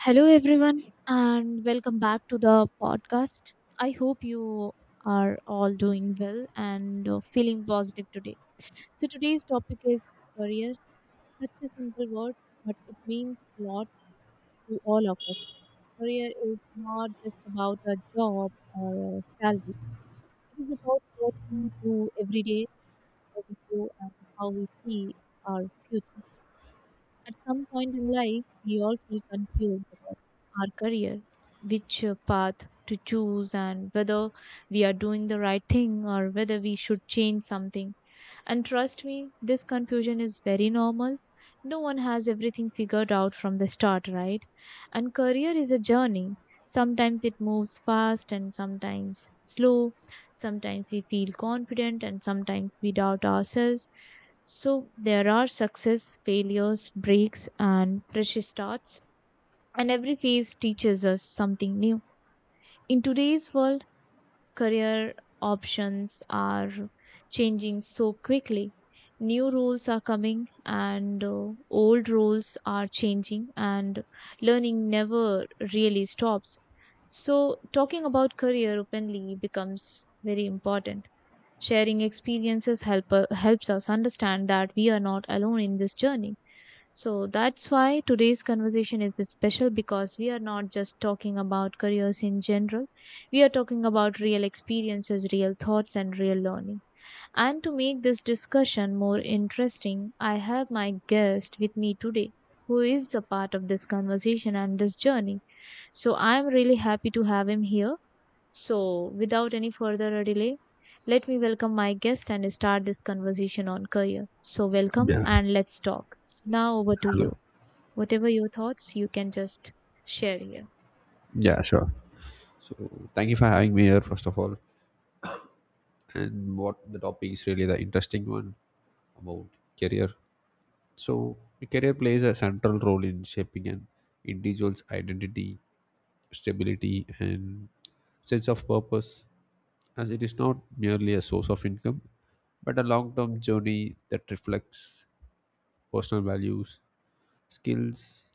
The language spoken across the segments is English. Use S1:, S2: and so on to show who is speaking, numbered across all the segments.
S1: Hello, everyone, and welcome back to the podcast. I hope you are all doing well and feeling positive today. So, today's topic is career. Such a simple word, but it means a lot to all of us. Career is not just about a job or a salary, it is about what we do every day, how we grow, and how we see our future. At some point in life, we all feel confused about our career, which path to choose, and whether we are doing the right thing or whether we should change something. And trust me, this confusion is very normal. No one has everything figured out from the start, right? And career is a journey. Sometimes it moves fast and sometimes slow. Sometimes we feel confident and sometimes we doubt ourselves. So there are success, failures, breaks, and fresh starts. And every phase teaches us something new. In today's world, career options are changing so quickly. New roles are coming, and old roles are changing, and learning never really stops. So, talking about career openly becomes very important. Sharing experiences helps us understand that we are not alone in this journey. So that's why today's conversation is special because we are not just talking about careers in general. We are talking about real experiences, real thoughts, and real learning. And to make this discussion more interesting, I have my guest with me today who is a part of this conversation and this journey. So I'm really happy to have him here. So without any further delay, let me welcome my guest and start this conversation on career. So welcome
S2: Yeah,
S1: and let's talk. Now over to you.
S2: hello.
S1: Whatever your thoughts, you can just share here.
S2: Yeah, sure. So thank you for having me here, first of all. And what the topic is, really the interesting one about career. So career plays a central role in shaping an individual's identity, stability, and sense of purpose, as it is not merely a source of income, but a long-term journey that reflects personal values, skills,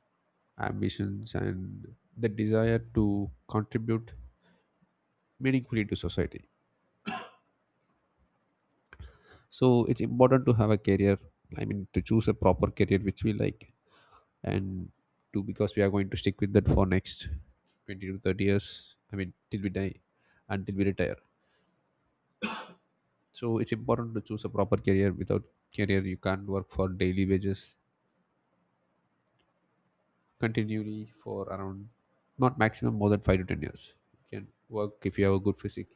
S2: ambitions, and the desire to contribute meaningfully to society. So it's important to have a career. I mean, to choose a proper career which we like, and to because we are going to stick with that for next 20 to 30 years. I mean, till we die. Until we retire. So it's important to choose a proper career. Without career, you can't work for daily wages continually for around, not maximum, more than 5 to 10 years. You can work if you have a good physique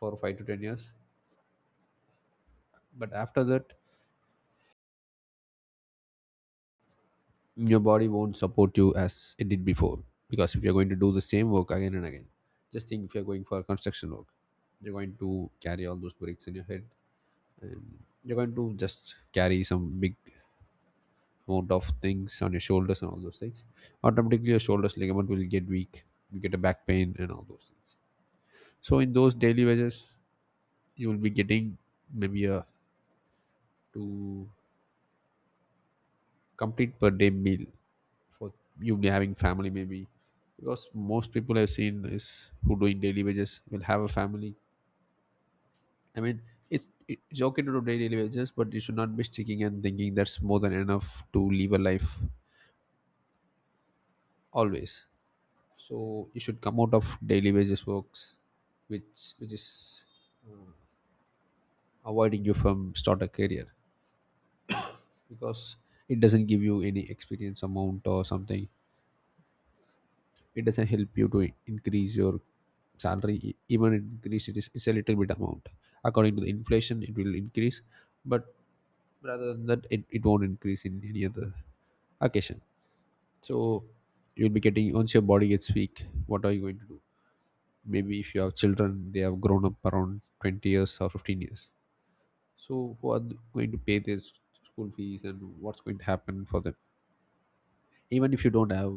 S2: for 5 to 10 years, but after that your body won't support you as it did before, because if you're going to do the same work again and again. Just think, if you're going for construction work, you're going to carry all those bricks in your head, and you're going to just carry some big amount of things on your shoulders and all those things. Automatically, your shoulders ligament will get weak, you get a back pain and all those things. So in those daily wages, you will be getting maybe a two complete per day meal, for you having family maybe, because most people I've seen is who doing daily wages will have a family. I mean, it's okay to do daily wages, but you should not be sticking and thinking that's more than enough to live a life always. So you should come out of daily wages works, which is uh, avoiding you from start a career, because it doesn't give you any experience amount or something. It doesn't help you to increase your salary. Even it increase, it's a little bit amount. According to the inflation it will increase, but rather than that it won't increase in any other occasion. So you'll be getting, once your body gets weak, what are you going to do? Maybe if you have children, they have grown up around 20 years or 15 years. So who are going to pay their school fees, and what's going to happen for them? Even if you don't have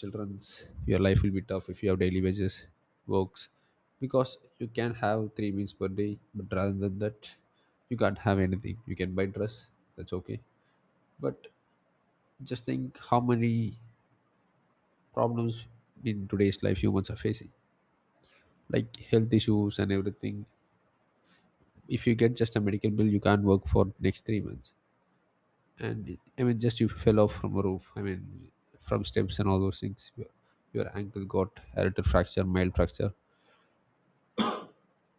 S2: children's, your life will be tough if you have daily wages works, because you can have three meals per day, but rather than that you can't have anything. You can buy dress, that's okay. But just think how many problems in today's life humans are facing, like health issues and everything. If you get just a medical bill, you can't work for next 3 months. And I mean, just you fell off from a roof, I mean from steps and all those things, your ankle got a little fracture, mild fracture.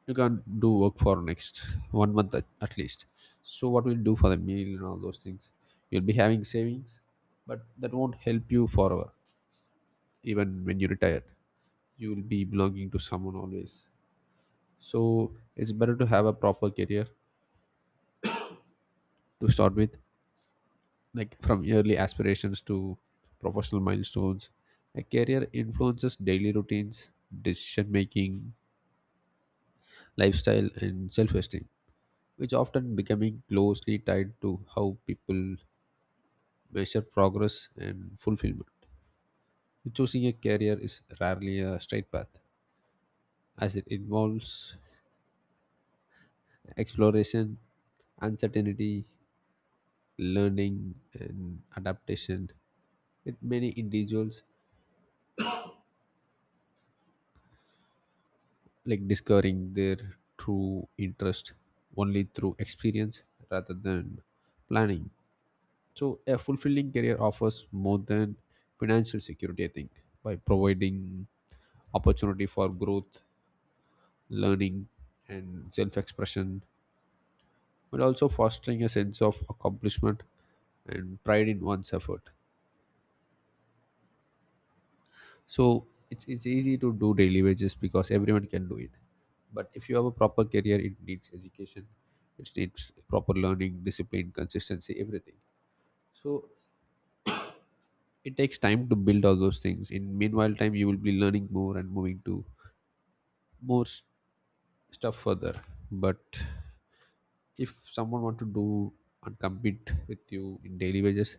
S2: You can't do work for next one month at least. So what will you do for the meal and all those things? You'll be having savings, but that won't help you forever. Even when you retire, you will be belonging to someone always. So it's better to have a proper career to start with, like from yearly aspirations to professional milestones. A career influences daily routines, decision making, lifestyle and self-esteem, which often becoming closely tied to how people measure progress and fulfillment. Choosing a career is rarely a straight path, as it involves exploration, uncertainty, learning, and adaptation. With many individuals, like discovering their true interest only through experience rather than planning. So, a fulfilling career offers more than financial security, I think, by providing opportunity for growth, learning, and self expression, but also fostering a sense of accomplishment and pride in one's effort. So it's easy to do daily wages because everyone can do it. But if you have a proper career, it needs education, it needs proper learning, discipline, consistency, everything. So it takes time to build all those things. In meanwhile time, you will be learning more and moving to more stuff further. But if someone want to do and compete with you in daily wages,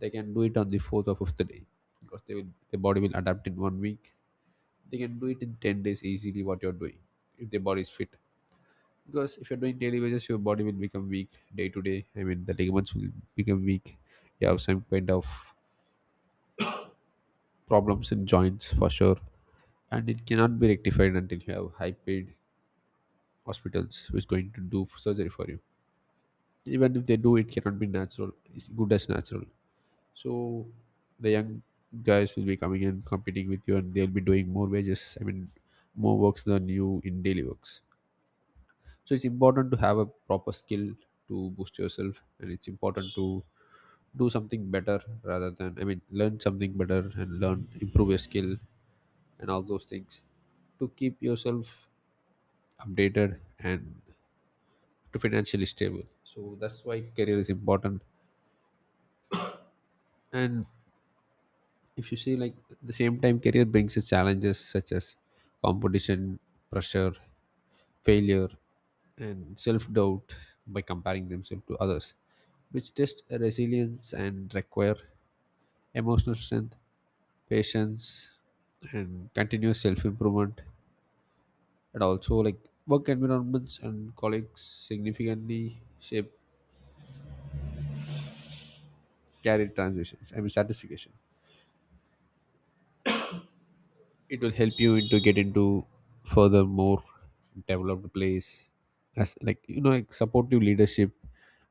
S2: they can do it on the fourth or fifth day, because the body will adapt in one week. They can do it in 10 days easily what you're doing, if the body is fit. Because if you're doing daily wages, your body will become weak day to day. I mean, the ligaments will become weak. You have some kind of problems in joints for sure, and it cannot be rectified until you have high paid hospitals which going to do surgery for you. Even if they do, it cannot be natural, it's good as natural. So the young guys will be coming and competing with you, and they'll be doing more wages. I mean, more works than you in daily works. So it's important to have a proper skill to boost yourself, and it's important to do something better rather than, I mean, learn something better and learn improve your skill and all those things, to keep yourself updated and to financially stable. So that's why career is important. And if you see, like, at the same time career brings its challenges such as competition, pressure, failure, and self-doubt, by comparing themselves to others, which test resilience and require emotional strength, patience, and continuous self-improvement. And also, like, work environments and colleagues significantly shape career transitions, I mean satisfaction. It will help you into get into further more developed place, as like you know, like supportive leadership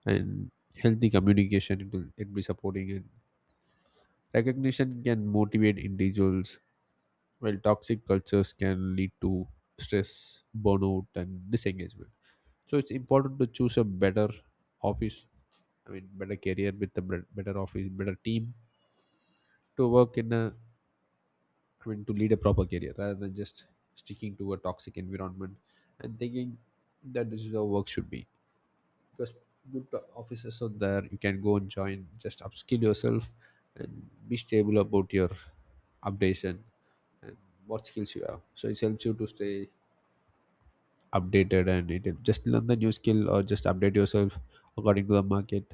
S2: and healthy communication, it will it be supporting. And recognition can motivate individuals while toxic cultures can lead to stress, burnout and disengagement. So it's important to choose a better office, I mean better career with a better office, better team, to work in a, trying to lead a proper career rather than just sticking to a toxic environment and thinking that this is how work should be. Because good offices out there, you can go and join, just upskill yourself and be stable about your updation and what skills you have. So it helps you to stay updated, and it just learn the new skill or just update yourself according to the market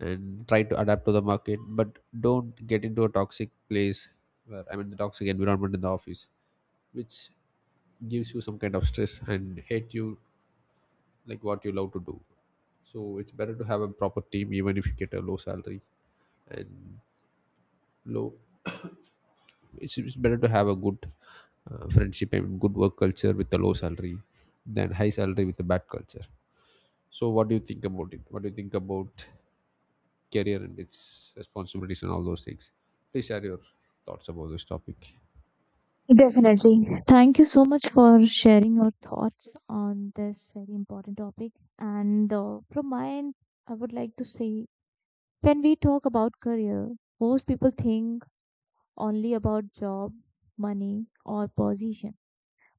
S2: and try to adapt to the market. But don't get into a toxic place, where, I mean, the toxic environment in the office, which gives you some kind of stress and hate you like what you love to do. So it's better to have a proper team even if you get a low salary and low. It's better to have a good friendship and good work culture with a low salary than high salary with a bad culture. So what do you think about it? What do you think about career and its responsibilities and all those things? Please share your thoughts about this topic.
S1: Definitely. Thank you so much for sharing your thoughts on this very important topic. And from my end, I would like to say when we talk about career, most people think only about job, money, or position.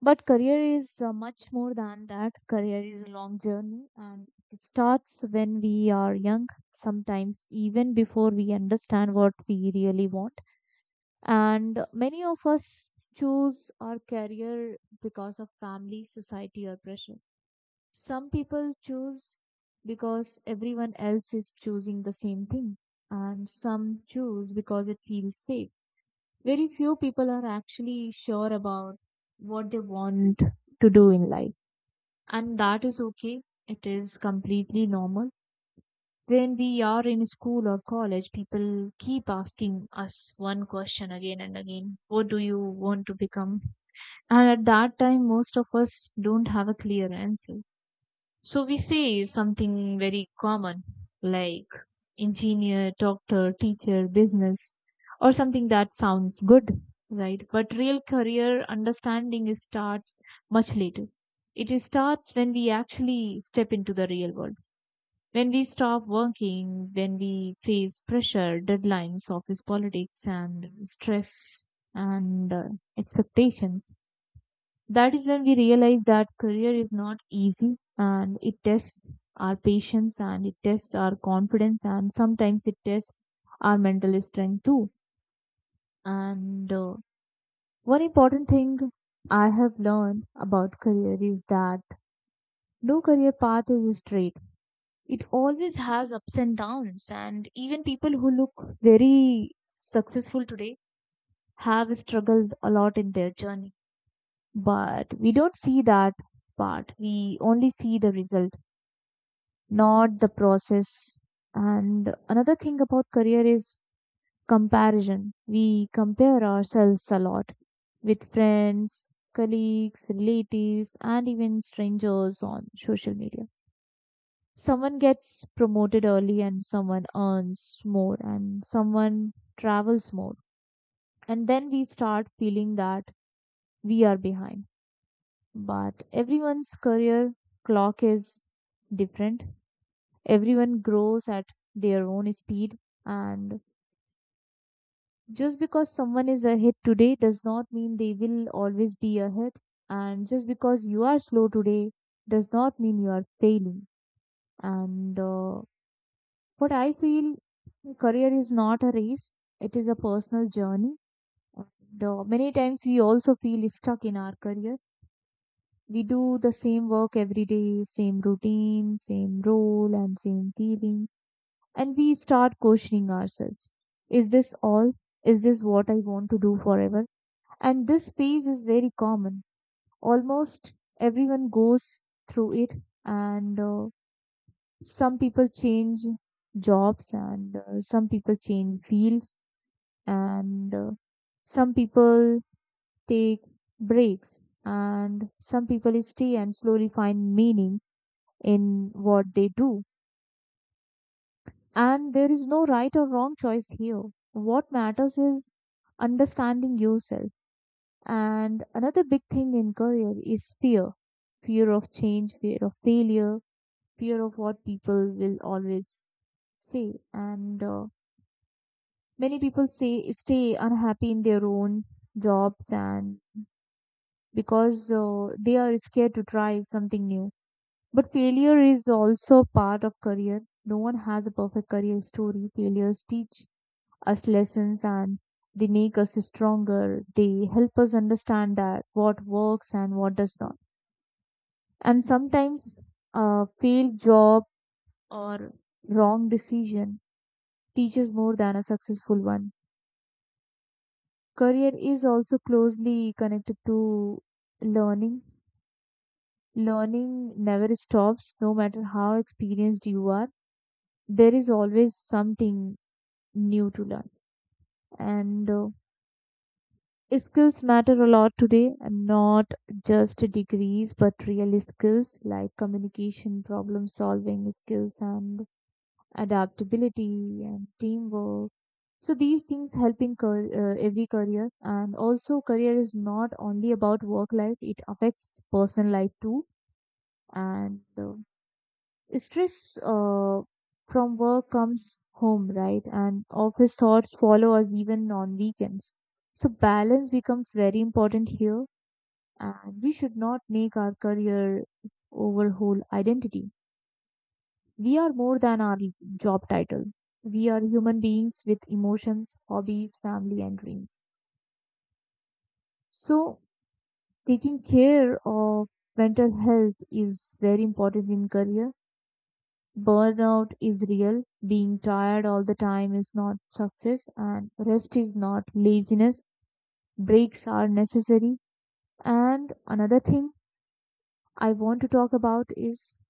S1: But career is much more than that. Career is a long journey and it starts when we are young, sometimes even before we understand what we really want. And many of us choose our career because of family, society, or pressure. Some people choose because everyone else is choosing the same thing. And some choose because it feels safe. Very few people are actually sure about what they want to do in life. And that is okay. It is completely normal. When we are in school or college, people keep asking us one question again and again: what do you want to become? And at that time, most of us don't have a clear answer. So we say something very common like engineer, doctor, teacher, business, or something that sounds good, right? But real career understanding is starts much later. It is starts when we actually step into the real world. When we stop working, when we face pressure, deadlines, office politics, and stress and expectations, that is when we realize that career is not easy and it tests our patience and it tests our confidence and sometimes it tests our mental strength too. And one important thing I have learned about career is that no career path is straight. It always has ups and downs, and even people who look very successful today have struggled a lot in their journey, but we don't see that part. We only see the result, not the process. And another thing about career is comparison. We compare ourselves a lot with friends, colleagues, relatives, and even strangers on social media. Someone gets promoted early and someone earns more and someone travels more. And then we start feeling that we are behind. But everyone's career clock is different. Everyone grows at their own speed. And just because someone is ahead today does not mean they will always be ahead. And just because you are slow today does not mean you are failing. And But I feel career is not a race, it is a personal journey. And many times we also feel stuck in our career. We do the same work every day, same routine, same role, and same feeling. And we start questioning ourselves. Is this all? Is this what I want to do forever? And this phase is very common. Almost everyone goes through it, and some people change jobs, and some people change fields, and some people take breaks, and some people stay and slowly find meaning in what they do. And there is no right or wrong choice here. What matters is understanding yourself. And another big thing in career is fear. Fear of change, fear of failure, fear of what people will always say. And many people say stay unhappy in their own jobs and because they are scared to try something new. But failure is also part of career. No one has a perfect career story. Failures teach us lessons, and they make us stronger. They help us understand that what works and what does not. And sometimes a failed job or wrong decision teaches more than a successful one. Career is also closely connected to learning. Learning never stops, no matter how experienced you are. There is always something new to learn. And skills matter a lot today, and not just degrees, but real skills like communication, problem solving skills, and adaptability and teamwork. So these things help in every career. And also, career is not only about work life; it affects personal life too. And stress from work comes home, right? And office thoughts follow us even on weekends. So balance becomes very important here, and we should not make our career over whole identity. We are more than our job title. We are human beings with emotions, hobbies, family, and dreams. So taking care of mental health is very important in career. Burnout is real. Being tired all the time is not success, and rest is not laziness. Breaks are necessary. And another thing I want to talk about is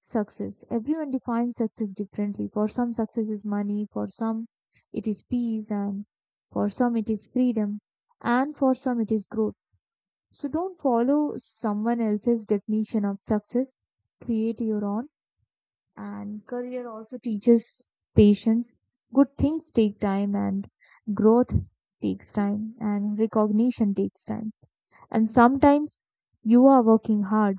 S1: success. Everyone defines success differently. For some, success is money, for some, it is peace, and for some, it is freedom, and for some, it is growth. So don't follow someone else's definition of success. Create your own. And career also teaches patience. Good things take time, and growth takes time, and recognition takes time. And sometimes you are working hard,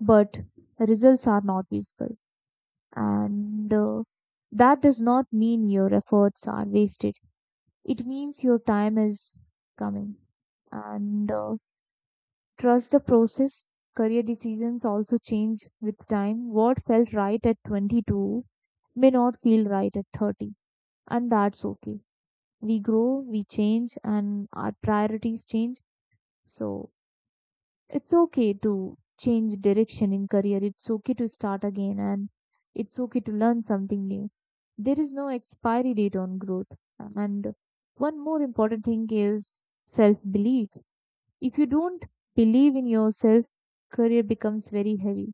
S1: but results are not visible. And that does not mean your efforts are wasted. It means your time is coming. And trust the process. Career decisions also change with time. What felt right at 22 may not feel right at 30, and that's okay. We grow, we change, and our priorities change. So it's okay to change direction in career. It's okay to start again, and it's okay to learn something new. There is no expiry date on growth. And one more important thing is self belief. If you don't believe in yourself, career becomes very heavy.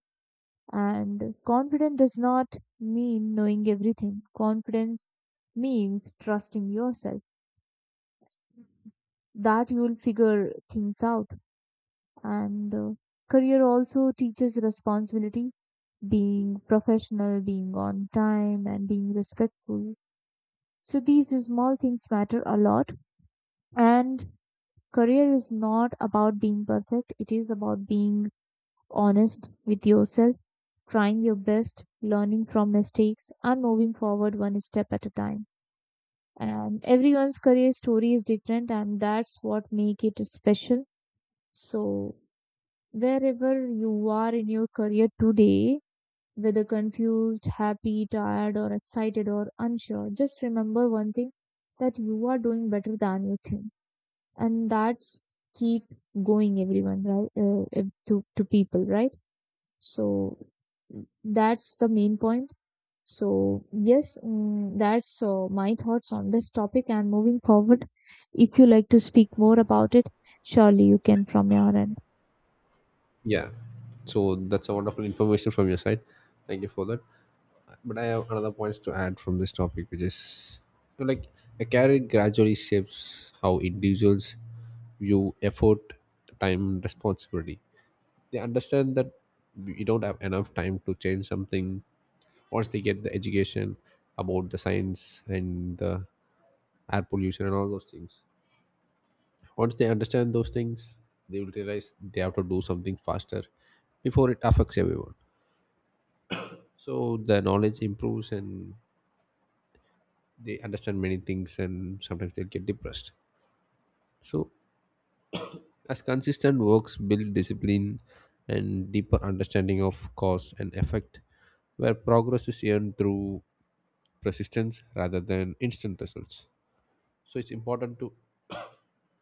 S1: And confidence does not mean knowing everything. Confidence means trusting yourself that you will figure things out. And career also teaches responsibility, being professional, being on time, and being respectful. So these small things matter a lot. And career is not about being perfect, it is about being honest with yourself, trying your best, learning from mistakes, and moving forward one step at a time. And everyone's career story is different, and that's what makes it special. So wherever you are in your career today, whether confused, happy, tired, or excited or unsure, just remember one thing, that you are doing better than you think, and that's keep going, everyone, right? To people, right? So that's the main point. So yes, that's my thoughts on this topic. And moving forward, if you like to speak more about it, surely you can from your end.
S2: Yeah, so that's a wonderful information from your side, thank you for that. But I have another points to add from this topic, which is, like, a career gradually shapes how individuals view effort, time, and responsibility. They understand that we don't have enough time to change something, once they get the education about the science and the air pollution and all those things. Once they understand those things, they will realize they have to do something faster before it affects everyone. So the knowledge improves and they understand many things, and sometimes they get depressed. So as consistent works build discipline and deeper understanding of cause and effect, where progress is earned through persistence rather than instant results. So it's important to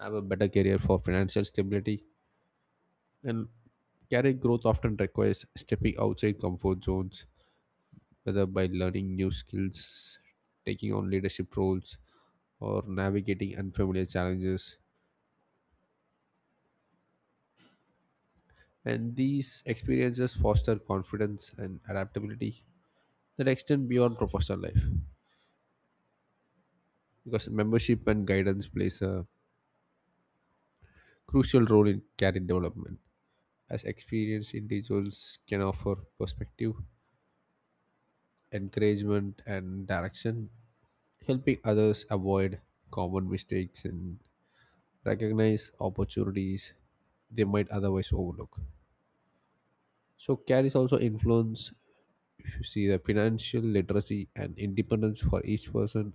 S2: have a better career for financial stability. And career growth often requires stepping outside comfort zones, whether by learning new skills, taking on leadership roles, or navigating unfamiliar challenges. And these experiences foster confidence and adaptability that extend beyond professional life, because membership and guidance plays a crucial role in career development, as experienced individuals can offer perspective, encouragement and direction, helping others avoid common mistakes and recognize opportunities they might otherwise overlook. So carries also influence, if you see, the financial literacy and independence for each person,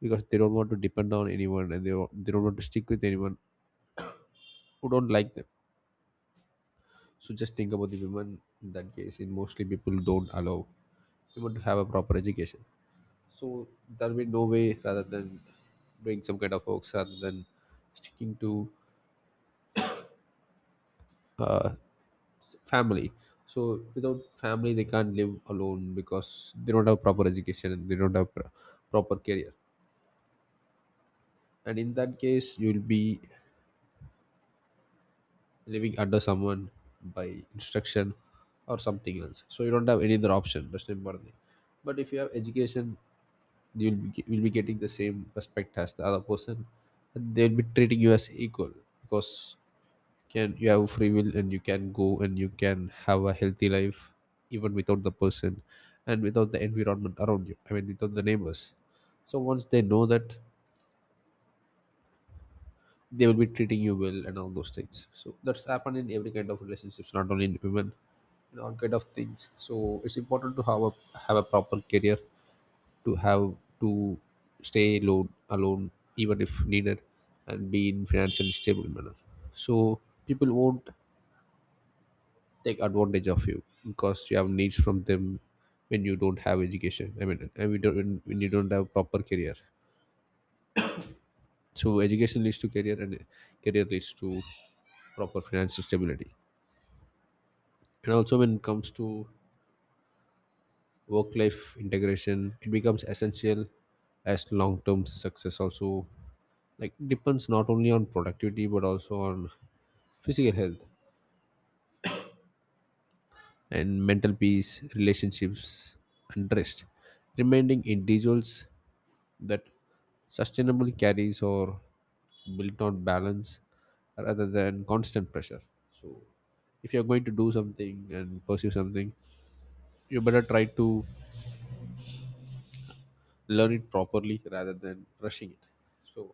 S2: because they don't want to depend on anyone, and they don't want to stick with anyone who don't like them. So just think about the women in that case, and mostly people don't allow women to have a proper education. So there will be no way rather than doing some kind of works rather than sticking to uh, family. So without family they can't live alone because they don't have proper education and they don't have proper career. And in that case you'll be living under someone by instruction or something else. So you don't have any other option. That's the important thing. But if you have education, you will be getting the same respect as the other person. And they'll be treating you as equal because can you have free will and you can go and you can have a healthy life even without the person and without the environment around you. I mean, without the neighbors. So once they know that they will be treating you well and all those things, so that's happened in every kind of relationships, not only in women, in all kind of things. So it's important to have a proper career, to have to stay alone even if needed, and be in financially stable manner, so people won't take advantage of you because you have needs from them when you don't have education. I mean, and we don't when you don't have proper career. So education leads to career, and career leads to proper financial stability. And also when it comes to work life integration, it becomes essential, as long term success also like depends not only on productivity but also on physical health and mental peace, relationships and rest, reminding individuals that sustainable carries or built on balance rather than constant pressure. So if you're going to do something and pursue something, you better try to learn it properly rather than rushing it. So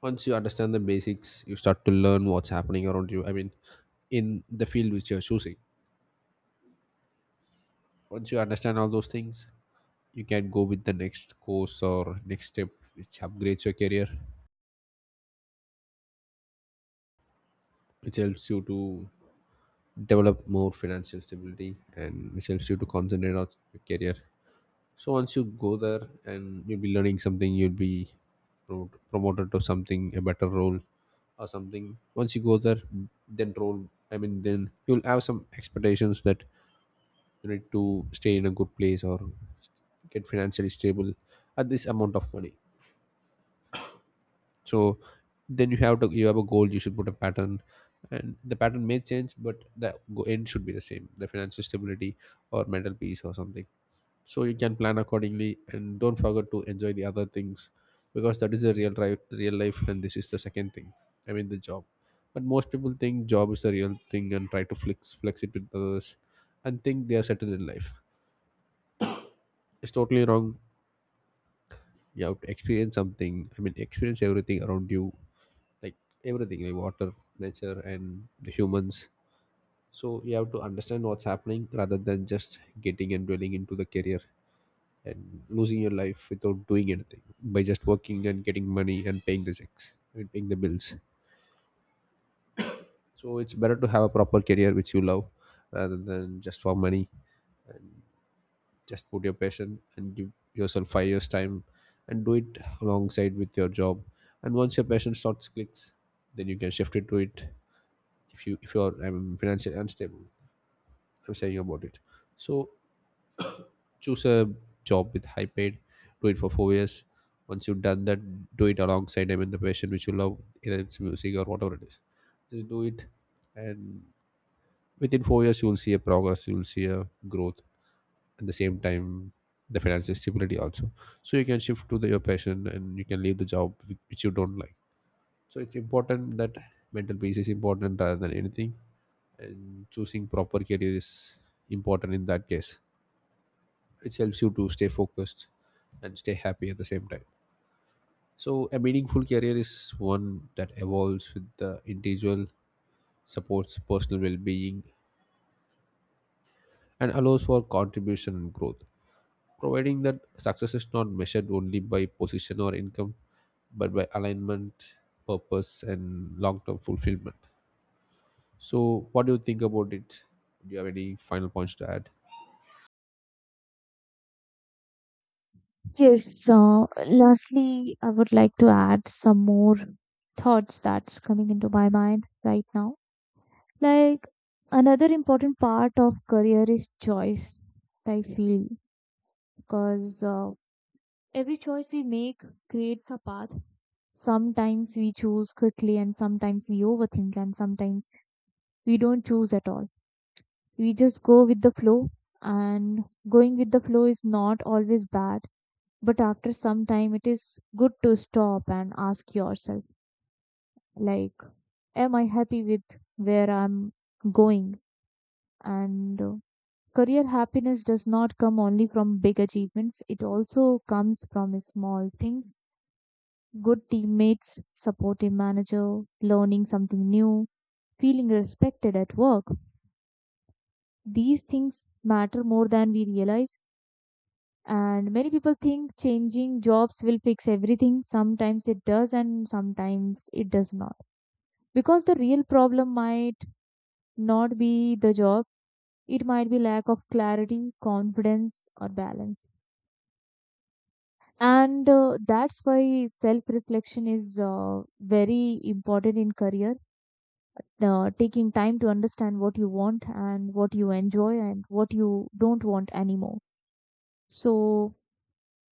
S2: once you understand the basics, you start to learn what's happening around you. I mean, in the field which you're choosing. Once you understand all those things, you can go with the next course or next step, which upgrades your career, which helps you to develop more financial stability, and which helps you to concentrate on your career. So once you go there and you'll be learning something, you'll be promoted to something, a better role or something. Once you go there, then role, I mean, then you'll have some expectations that you need to stay in a good place or get financially stable at this amount of money. So then you have to, you have a goal, you should put a pattern, and the pattern may change, but the end should be the same, the financial stability or mental peace or something. So you can plan accordingly, and don't forget to enjoy the other things, because that is the real life. And this is the second thing, I mean, the job. But most people think job is the real thing and try to flex it with others and think they are settled in life. It's totally wrong. You have to experience something, I mean, experience everything around you, like everything, like water, nature, and the humans. So you have to understand what's happening rather than just getting and dwelling into the career and losing your life without doing anything by just working and getting money and paying the checks and paying the bills. So it's better to have a proper career which you love rather than just for money. And just put your passion and give yourself 5 years time, and do it alongside with your job. And once your passion starts clicks, then you can shift it to it if you are financially unstable. I'm saying about it. So choose a job with high paid, do it for 4 years. Once you've done that, do it alongside, I mean, the passion which you love, either it's music or whatever it is. Just do it, and within 4 years you will see a progress, you will see a growth. At the same time, the financial stability also. So you can shift to the, your passion, and you can leave the job which you don't like. So it's important that mental peace is important rather than anything, and choosing proper career is important in that case. It helps you to stay focused and stay happy at the same time. So, a meaningful career is one that evolves with the individual, supports personal well being, and allows for contribution and growth. Providing that success is not measured only by position or income, but by alignment, purpose, and long term fulfillment. So, what do you think about it? Do you have any final points to add?
S1: Yes. So lastly, I would like to add some more thoughts that's coming into my mind right now. Like, another important part of career is choice, I feel, because every choice we make creates a path. Sometimes we choose quickly, and sometimes we overthink, and sometimes we don't choose at all. We just go with the flow, and going with the flow is not always bad. But after some time, it is good to stop and ask yourself, like, am I happy with where I'm going? And career happiness does not come only from big achievements, it also comes from small things: good teammates, supportive manager, learning something new, feeling respected at work. These things matter more than we realize. And many people think changing jobs will fix everything. Sometimes it does, and sometimes it does not. Because the real problem might not be the job, it might be lack of clarity, confidence, or balance. And that's why self reflection is very important in career, taking time to understand what you want and what you enjoy and what you don't want anymore. So,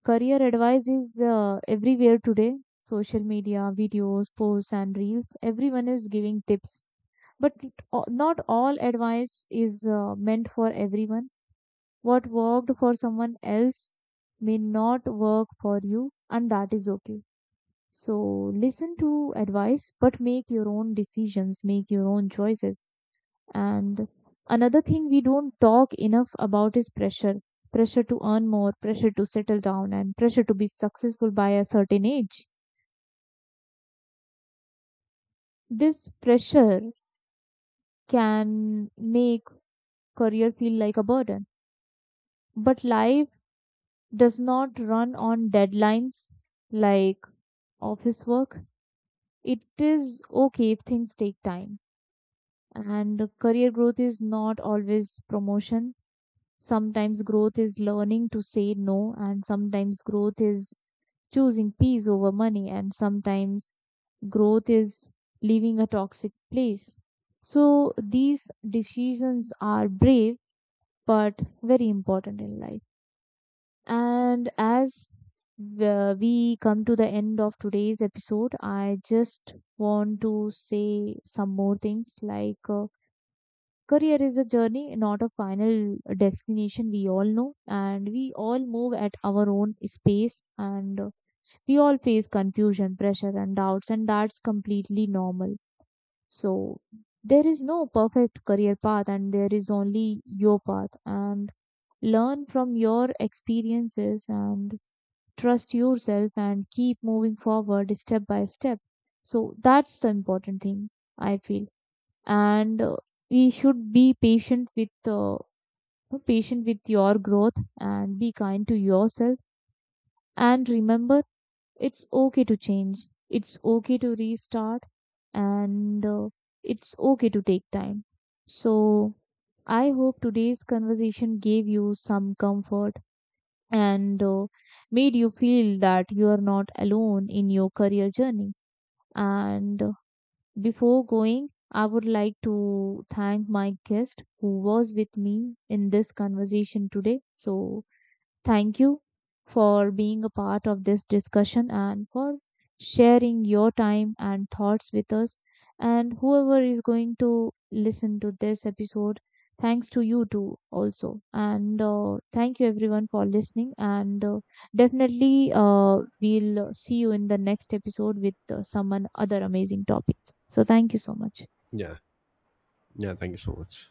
S1: career advice is everywhere today: social media, videos, posts, and reels. Everyone is giving tips. But not all advice is meant for everyone. What worked for someone else may not work for you, and that is okay. So, listen to advice, but make your own decisions, make your own choices. And another thing we don't talk enough about is pressure. Pressure to earn more, pressure to settle down, and pressure to be successful by a certain age. This pressure can make career feel like a burden. But life does not run on deadlines like office work. It is okay if things take time. And career growth is not always promotion. Sometimes growth is learning to say no, and sometimes growth is choosing peace over money, and sometimes growth is leaving a toxic place. So these decisions are brave but very important in life. And as we come to the end of today's episode, I just want to say some more things. Like, career is a journey, not a final destination, we all know, and we all move at our own space. And we all face confusion, pressure, and doubts, and that's completely normal. So, there is no perfect career path, and there is only your path. And learn from your experiences and trust yourself and keep moving forward step by step. So, that's the important thing, I feel. And we should be patient with your growth and be kind to yourself and remember, it's okay to change. It's okay to restart, and it's okay to take time. So, I hope today's conversation gave you some comfort and made you feel that you are not alone in your career journey. And before going, I would like to thank my guest who was with me in this conversation today. So, thank you for being a part of this discussion and for sharing your time and thoughts with us. And whoever is going to listen to this episode, thanks to you too, also. And thank you everyone for listening. And definitely, we'll see you in the next episode with someone other amazing topics. So, thank you so much.
S2: Yeah, yeah, thank you so much.